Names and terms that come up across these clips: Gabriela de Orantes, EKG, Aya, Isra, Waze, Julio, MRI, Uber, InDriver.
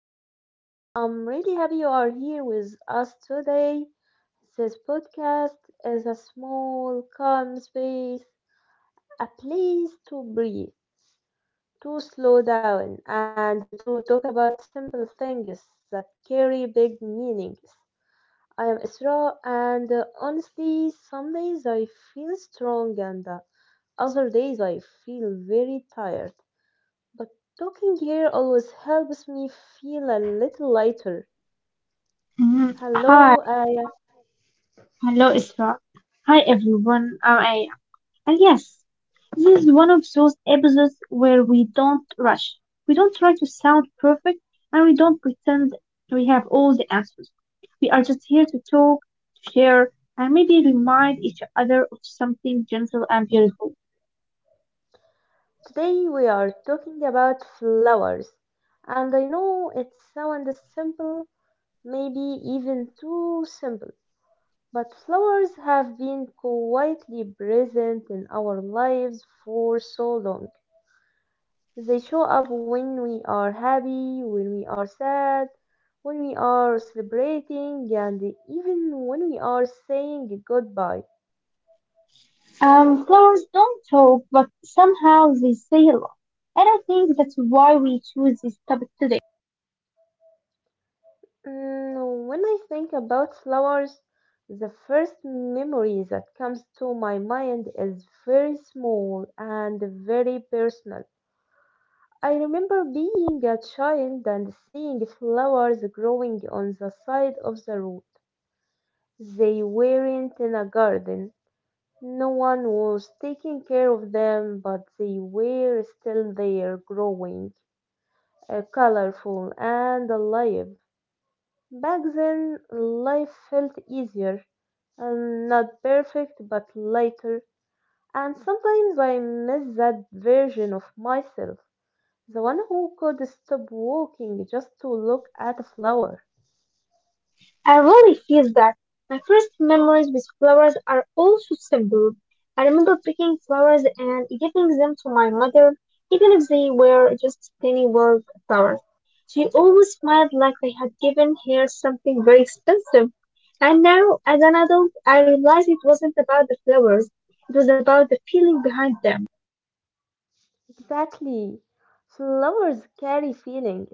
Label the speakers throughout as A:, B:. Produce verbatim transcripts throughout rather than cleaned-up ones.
A: welcome. I'm really happy you are here with us today. This podcast is a small, calm space, a place to breathe, to slow down, and to talk about simple things that carry big meanings. I am Isra, and uh, honestly, some days I feel strong, and uh, other days I feel very tired. But talking here always helps me feel a little lighter.
B: Mm,
A: Hello,
B: hi,
A: Aya.
B: hello Isra. Hi everyone. I'm Aya. And yes, this is one of those episodes where we don't rush. We don't try to sound perfect and we don't pretend we have all the answers. We are just here to talk, to share, and maybe remind each other of something gentle and beautiful.
A: Today we are talking about flowers. And I know it sounds simple, maybe even too simple, but flowers have been quietly present in our lives for so long. They show up when we are happy, when we are sad, when we are celebrating, and even when we are saying goodbye.
B: Um, flowers don't talk, but somehow they say a lot. And I think that's why we choose this topic today.
A: Mm, when I think about flowers, the first memory that comes to my mind is very small and very personal. I remember being a child and seeing flowers growing on the side of the road. They weren't in a garden. No one was taking care of them, but they were still there growing, uh, colorful and alive. Back then, life felt easier and not perfect, but lighter. And sometimes I miss that version of myself, the one who could stop walking just to look at a flower.
B: I really feel that. My first memories with flowers are also simple. I remember picking flowers and giving them to my mother, even if they were just tiny wild flowers. She always smiled like I had given her something very expensive. And now, as an adult, I realize it wasn't about the flowers, it was about the feeling behind them.
A: Exactly. Flowers carry feelings,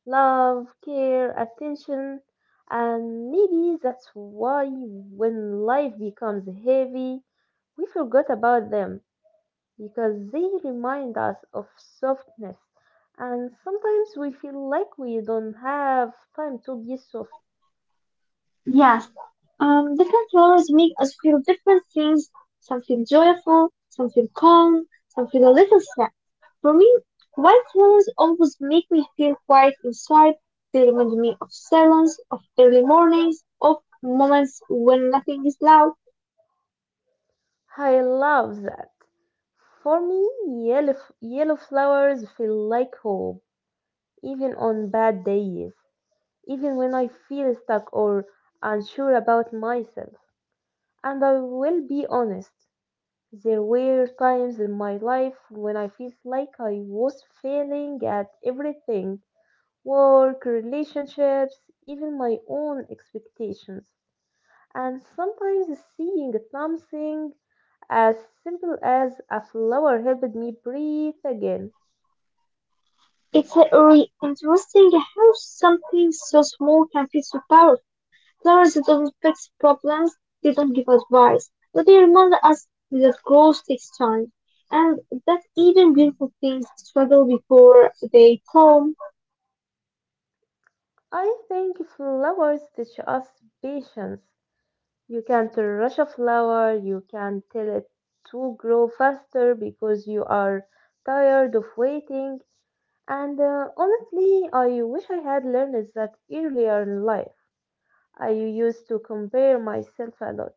A: love, care, attention, and maybe that's why, when life becomes heavy, we forgot about them, because they remind us of softness, and sometimes we feel like we don't have time to be soft.
B: Yes, um, different flowers make us feel different things. Some feel joyful, some feel calm, some feel a little sad. For me, white flowers always make me feel quiet inside. They remind me of silence, of early mornings, of moments when nothing is loud.
A: I love that. For me, yellow, f- yellow flowers feel like hope, even on bad days, even when I feel stuck or unsure about myself. And I will be honest, there were times in my life when I felt like I was failing at everything, work, relationships, even my own expectations. And sometimes seeing something as simple as a flower helped me breathe again.
B: It's uh, really interesting how something so small can feel so powerful. Flowers didn't fix problems, didn't give advice, but they reminded us that growth takes time, and that even beautiful things struggle before they bloom.
A: I think flowers teach us patience. You can't rush a flower, you can't tell it to grow faster because you are tired of waiting. And uh, honestly, I wish I had learned that earlier in life. I used to compare myself a lot,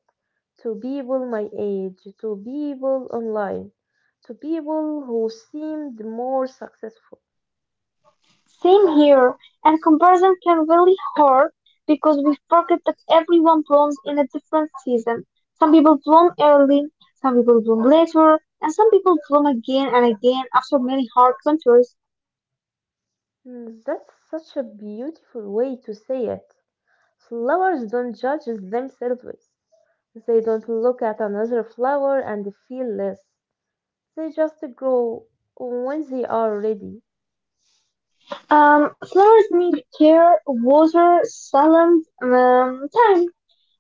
A: to people my age, to people online, to people who seemed more successful.
B: Same here, and comparison can really hurt because we forget that everyone blooms in a different season. Some people bloom early, some people bloom later, and some people bloom again and again after many hard winters.
A: Mm, That's such a beautiful way to say it. Flowers don't judge themselves. They don't look at another flower and feel less. They just grow when they are ready.
B: Um, flowers need care, water, sun, um, time.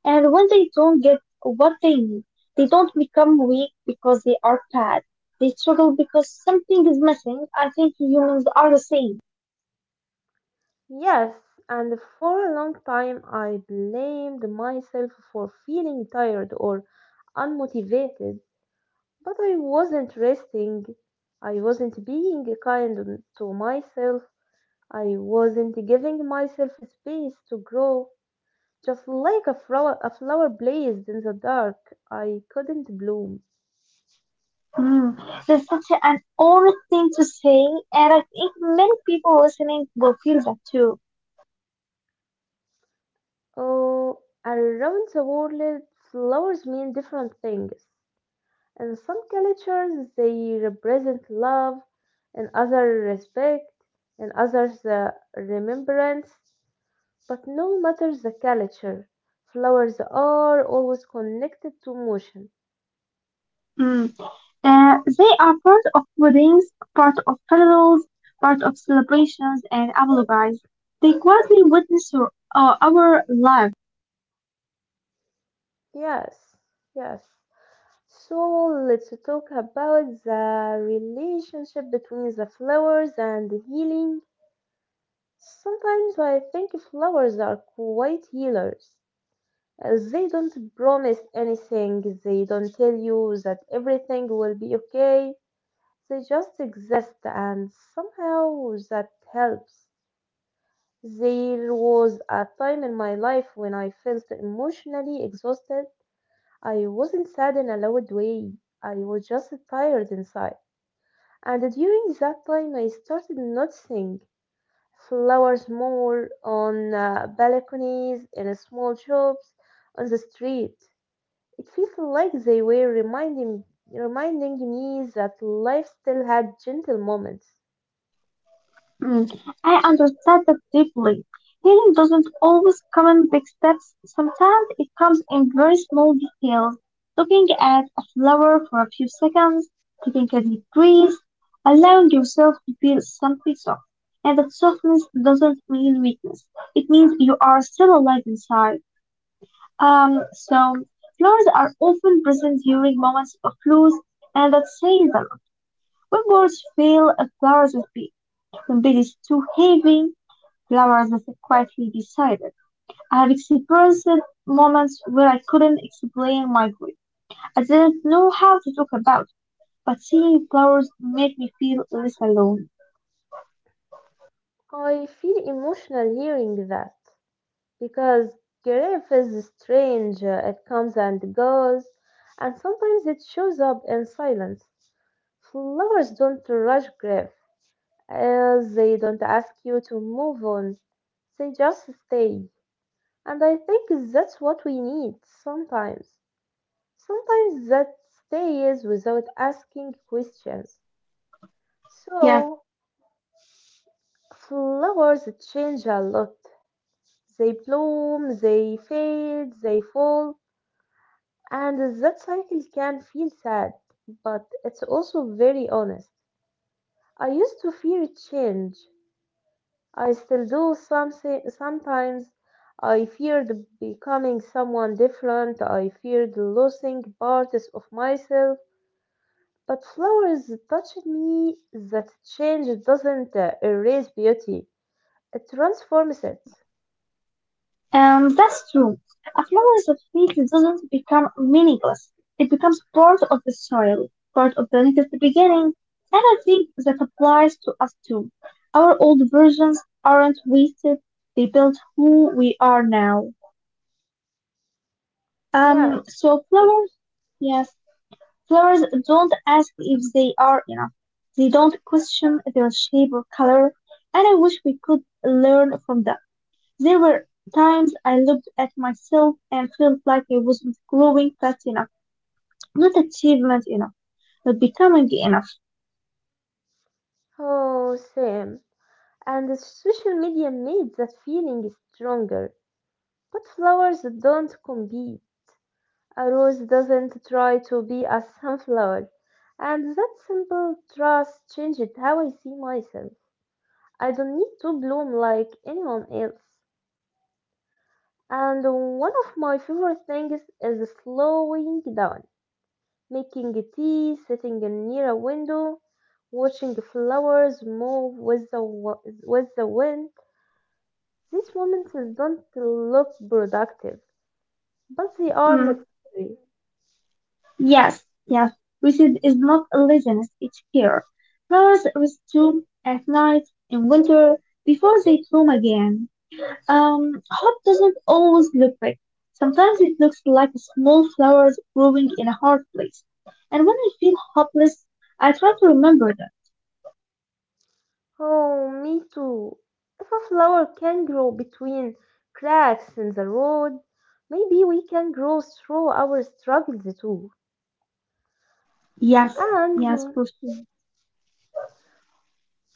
B: And when they don't get what they need, they don't become weak because they are bad. They struggle because something is missing. I think humans are the same.
A: Yes, and for a long time I blamed myself for feeling tired or unmotivated, but I wasn't resting. I wasn't being kind to myself. I wasn't giving myself space to grow. Just like a flower, a flower blazed in the dark, I couldn't bloom.
B: Hmm. That's such an honest thing to say, and I think many people listening will feel that too.
A: Oh, around the world, flowers mean different things. In some cultures, they represent love, in others, respect, in others, uh, remembrance. But no matter the culture, flowers are always connected to motion.
B: Hmm. Uh, they are part of weddings, part of funerals, part of celebrations and lullabies. They quietly witness our, uh, our lives.
A: Yes, yes. So let's talk about the relationship between the flowers and healing. Sometimes I think flowers are quite healers. Uh, They don't promise anything, they don't tell you that everything will be okay. They just exist, and somehow that helps. There was a time in my life when I felt emotionally exhausted. I wasn't sad in a loud way, I was just tired inside. And during that time, I started noticing flowers more, on uh, balconies, in small shops, on the street. It feels like they were reminding reminding me that life still had gentle moments.
B: Mm, I understand that deeply. Healing doesn't always come in big steps. Sometimes it comes in very small details. Looking at a flower for a few seconds, taking a deep breath, allowing yourself to feel something soft. And that softness doesn't mean weakness. It means you are still alive inside. Um, so flowers are often present during moments of loss, and that says them. When words fail, flowers will be. When bed is too heavy, flowers as I quietly decided, I've experienced moments where I couldn't explain my grief. I didn't know how to talk about it, but seeing flowers made me feel less alone.
A: I feel emotional hearing that, because grief is strange. uh, It comes and goes, and sometimes it shows up in silence. Flowers don't rush grief, as they don't ask you to move on. They just stay. And I think that's what we need sometimes. Sometimes that stays without asking questions.
B: Yeah,
A: So, flowers change a lot. They bloom, they fade, they fall, and that cycle can feel sad, but it's also very honest. I used to fear change. I still do something sometimes. I feared becoming someone different. I feared losing parts of myself. But flowers touched me that change doesn't uh, erase beauty. It transforms it.
B: and that's true. A flower that fades doesn't become meaningless. It becomes part of the soil, part of the latest beginning, and I think that applies to us too. Our old versions aren't wasted. They built who we are now.
A: Yes.
B: Um, so flower, yes, flowers don't ask if they are enough. They don't question their shape or color, and I wish we could learn from them. There were times I looked at myself and felt like I wasn't growing fast enough, not achievement enough, not becoming enough.
A: Oh, same. And the social media made that feeling stronger. But flowers don't compete. A rose doesn't try to be a sunflower. And that simple trust changed how I see myself. I don't need to bloom like anyone else. And one of my favorite things is slowing down, making a tea, sitting near a window, watching flowers move with the, wa- with the wind. These moments don't look productive, but they are
B: Mm,
A: necessary.
B: yes, yes. Racist is not a laziness, it's fear. Flowers rest too at night, in winter, before they bloom again. Um, hope doesn't always look big. Sometimes it looks like small flowers growing in a hard place. And when I feel hopeless, I try to remember that.
A: Oh, me too. If a flower can grow between cracks in the road, maybe we can grow through our struggles too.
B: Yes, yes,
A: And
B: Christine.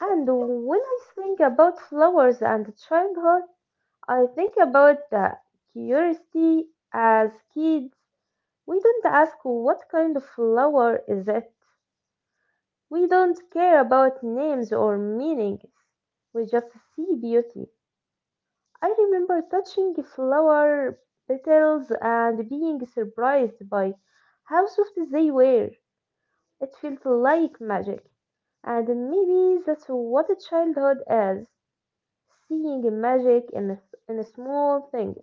A: and when I think about flowers and childhood, I think about the curiosity as kids. We don't ask what kind of flower is it. We don't care about names or meanings. We just see beauty. I remember touching flower petals and being surprised by how soft they were. It felt like magic. And maybe that's what childhood is, seeing magic in, in small things.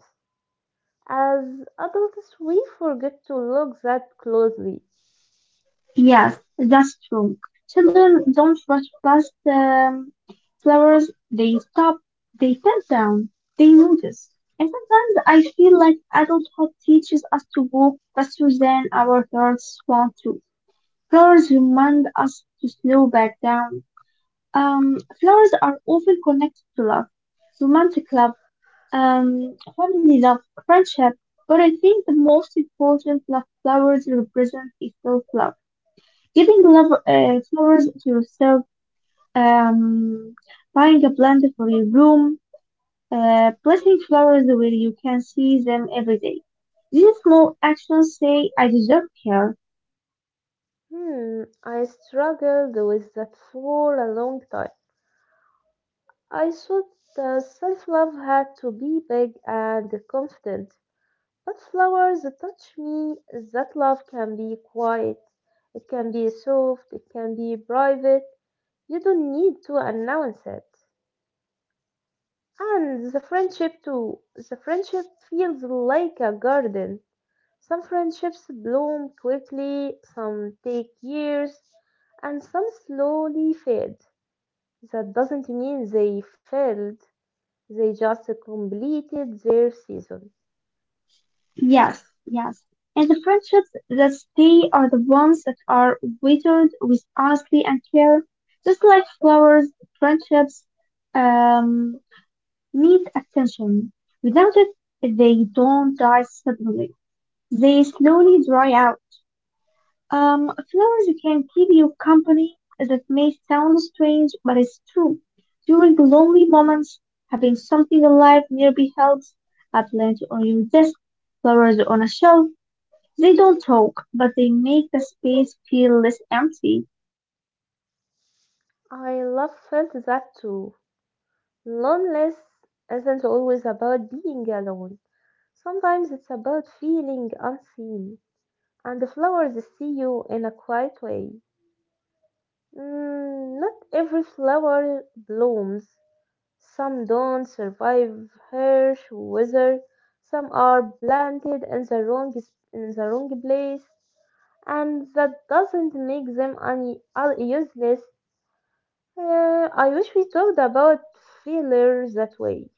A: As adults, we forget to look that closely.
B: Yes, that's true. Children don't rush past um, flowers. They stop. They bend down. They notice. And sometimes I feel like adulthood teaches us to walk faster than our hearts want to. Flowers remind us to slow back down. Um, flowers are often connected to love, romantic love, um, family love, friendship, but I think the most important love flowers represent is self-love. Giving love uh, flowers to yourself, um, buying a plant for your room, uh, placing flowers where you can see them every day. These small actions say, I deserve care.
A: Hmm, I struggled with that for a long time. I thought uh, self love had to be big and confident. But flowers touch me, that love can be quiet, it can be soft, it can be private. You don't need to announce it. And the friendship too. The friendship feels like a garden. Some friendships bloom quickly, some take years, and some slowly fade. That doesn't mean they failed, they just completed their season.
B: Yes, yes. And the friendships that stay are the ones that are watered with honesty and care. Just like flowers, friendships um, need attention. Without it, they don't die suddenly. They slowly dry out. Um, flowers can keep you company. That may sound strange, but it's true. During the lonely moments, having something alive nearby helps. A plant on your desk, flowers on a shelf, they don't talk, but they make the space feel less empty.
A: I love felt that too. Loneliness isn't always about being alone. Sometimes it's about feeling unseen. And the flowers see you in a quiet way. Mm, not every flower blooms. Some don't survive harsh weather, some are planted in the wrong in the wrong place, and that doesn't make them un- un- useless. Uh, I wish we talked about failure that way.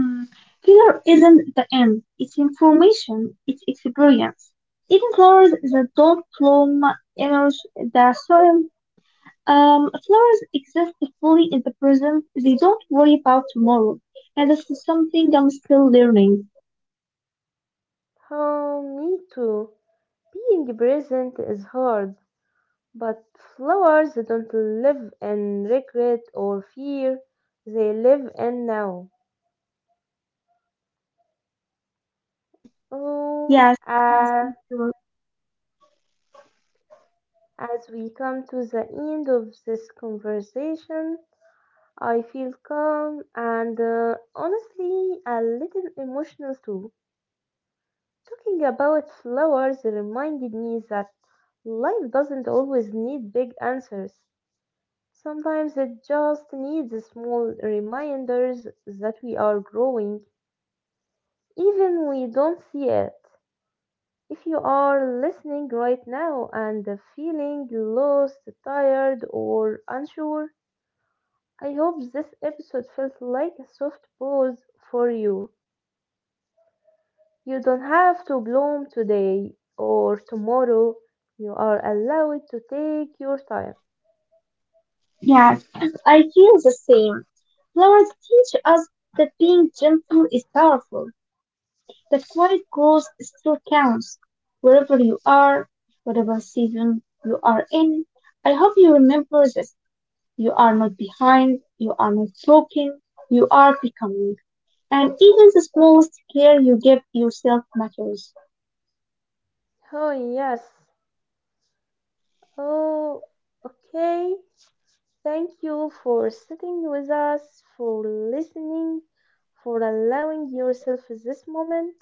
B: Mm. Fear isn't the end, it's information, it's experience. Even flowers that don't bloom emerge the soil. Um, flowers exist fully in the present, they don't worry about tomorrow. And this is something I'm still learning.
A: Oh, me too. Being present is hard, but flowers don't live in regret or fear. They live in now.
B: Mm.
A: Oh.
B: Yes, yes,
A: uh,
B: for sure.
A: As we come to the end of this conversation, I feel calm and, uh, honestly, a little emotional too. Talking about flowers reminded me that life doesn't always need big answers. Sometimes it just needs small reminders that we are growing, even we don't see it. If you are listening right now and feeling lost, tired, or unsure, I hope this episode felt like a soft pause for you. You don't have to bloom today or tomorrow. You are allowed to take your time.
B: Yes, I feel the same. Flowers teach us that being gentle is powerful, that quiet growth still counts. Wherever you are, whatever season you are in, I hope you remember this. You are not behind, you are not broken, you are becoming. And even the smallest care you give yourself matters.
A: Oh, yes. Oh, okay. Thank you for sitting with us, for listening, for allowing yourself this moment.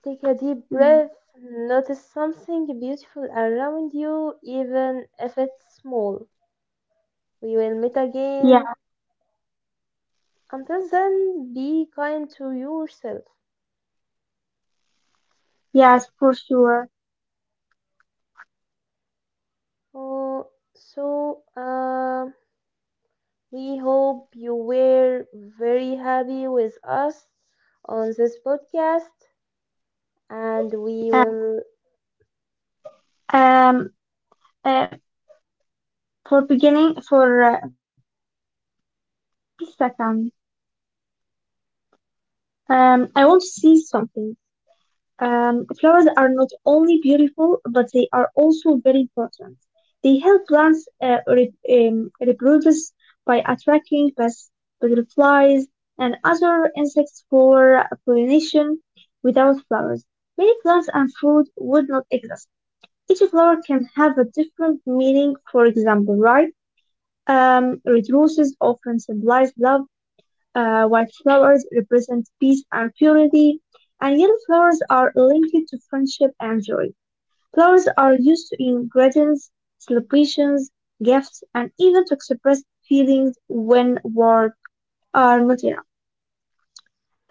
A: Take a deep
B: Mm,
A: breath. Notice something beautiful around you, even if it's small. We will meet again.
B: yeah,
A: Until then, be kind to yourself.
B: yes, for sure.
A: Oh, so, uh, we hope you were very happy with us on this podcast, and we
B: Yes,
A: will.
B: um, uh, for beginning, for uh, second. Um, I want to say something. Um, flowers are not only beautiful, but they are also very important. They help plants uh, re- um, reproduce by attracting pests, butterflies, and other insects for pollination. Without flowers, many plants and food would not exist. Each flower can have a different meaning. For example, right? Um, red roses often symbolize love, uh, white flowers represent peace and purity, and yellow flowers are linked to friendship and joy. Flowers are used in greetings, celebrations, gifts, and even to express feelings when words are not enough.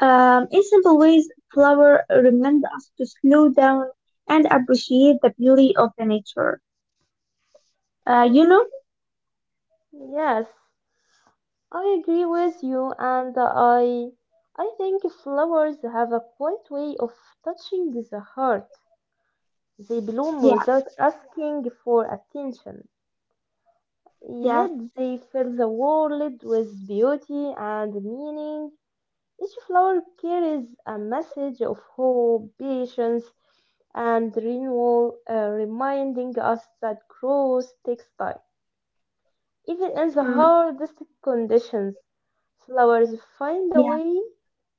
B: Um, in simple ways, flowers remind us to slow down and appreciate the beauty of the nature. Uh, you know?
A: Yes, I agree with you, and I, I think flowers have a quiet way of touching the heart. They bloom
B: Yes,
A: without asking for attention,
B: yes,
A: yet they fill the world with beauty and meaning. Each flower carries a message of hope, patience, and renewal, uh, reminding us that growth takes time. Even in the
B: mm,
A: hardest conditions, flowers find a
B: yes.
A: way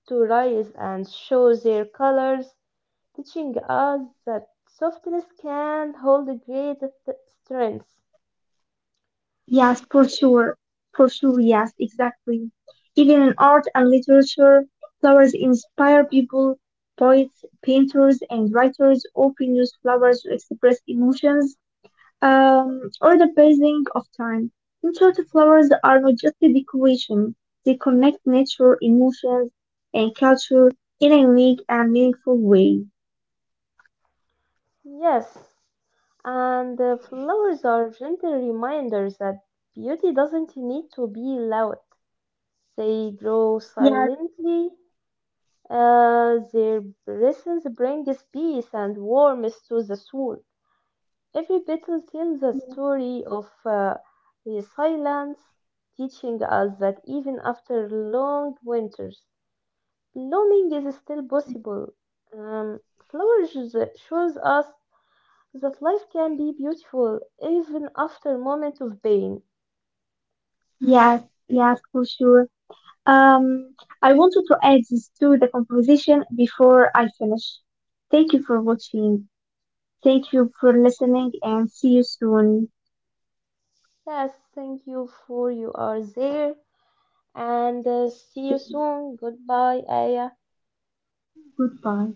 A: to rise and show their colors, teaching us that softness can hold great greatest strength.
B: Yes, for sure. For sure, yes, exactly. Even in art and literature, flowers inspire people. Poets, painters, and writers often use flowers to express emotions um, or the passing of time. In short, flowers are not just a decoration, they connect nature, emotions, and culture in a unique and meaningful way.
A: Yes, and uh, flowers are gentle reminders that beauty doesn't need to be loud. They grow
B: Yes,
A: silently. Uh, their presence brings peace and warmth to the soul. Every petal tells a
B: yes,
A: story of uh, resilience, teaching us that even after long winters, blooming is still possible. Um, Flowers shows us that life can be beautiful even after moment of pain.
B: yes, yes, for sure. Um, I wanted to add this to the conversation before I finish. Thank you for watching. Thank you for listening and see you soon.
A: Yes, thank you for you are there. And uh, see you soon. Goodbye, Aya.
B: Goodbye.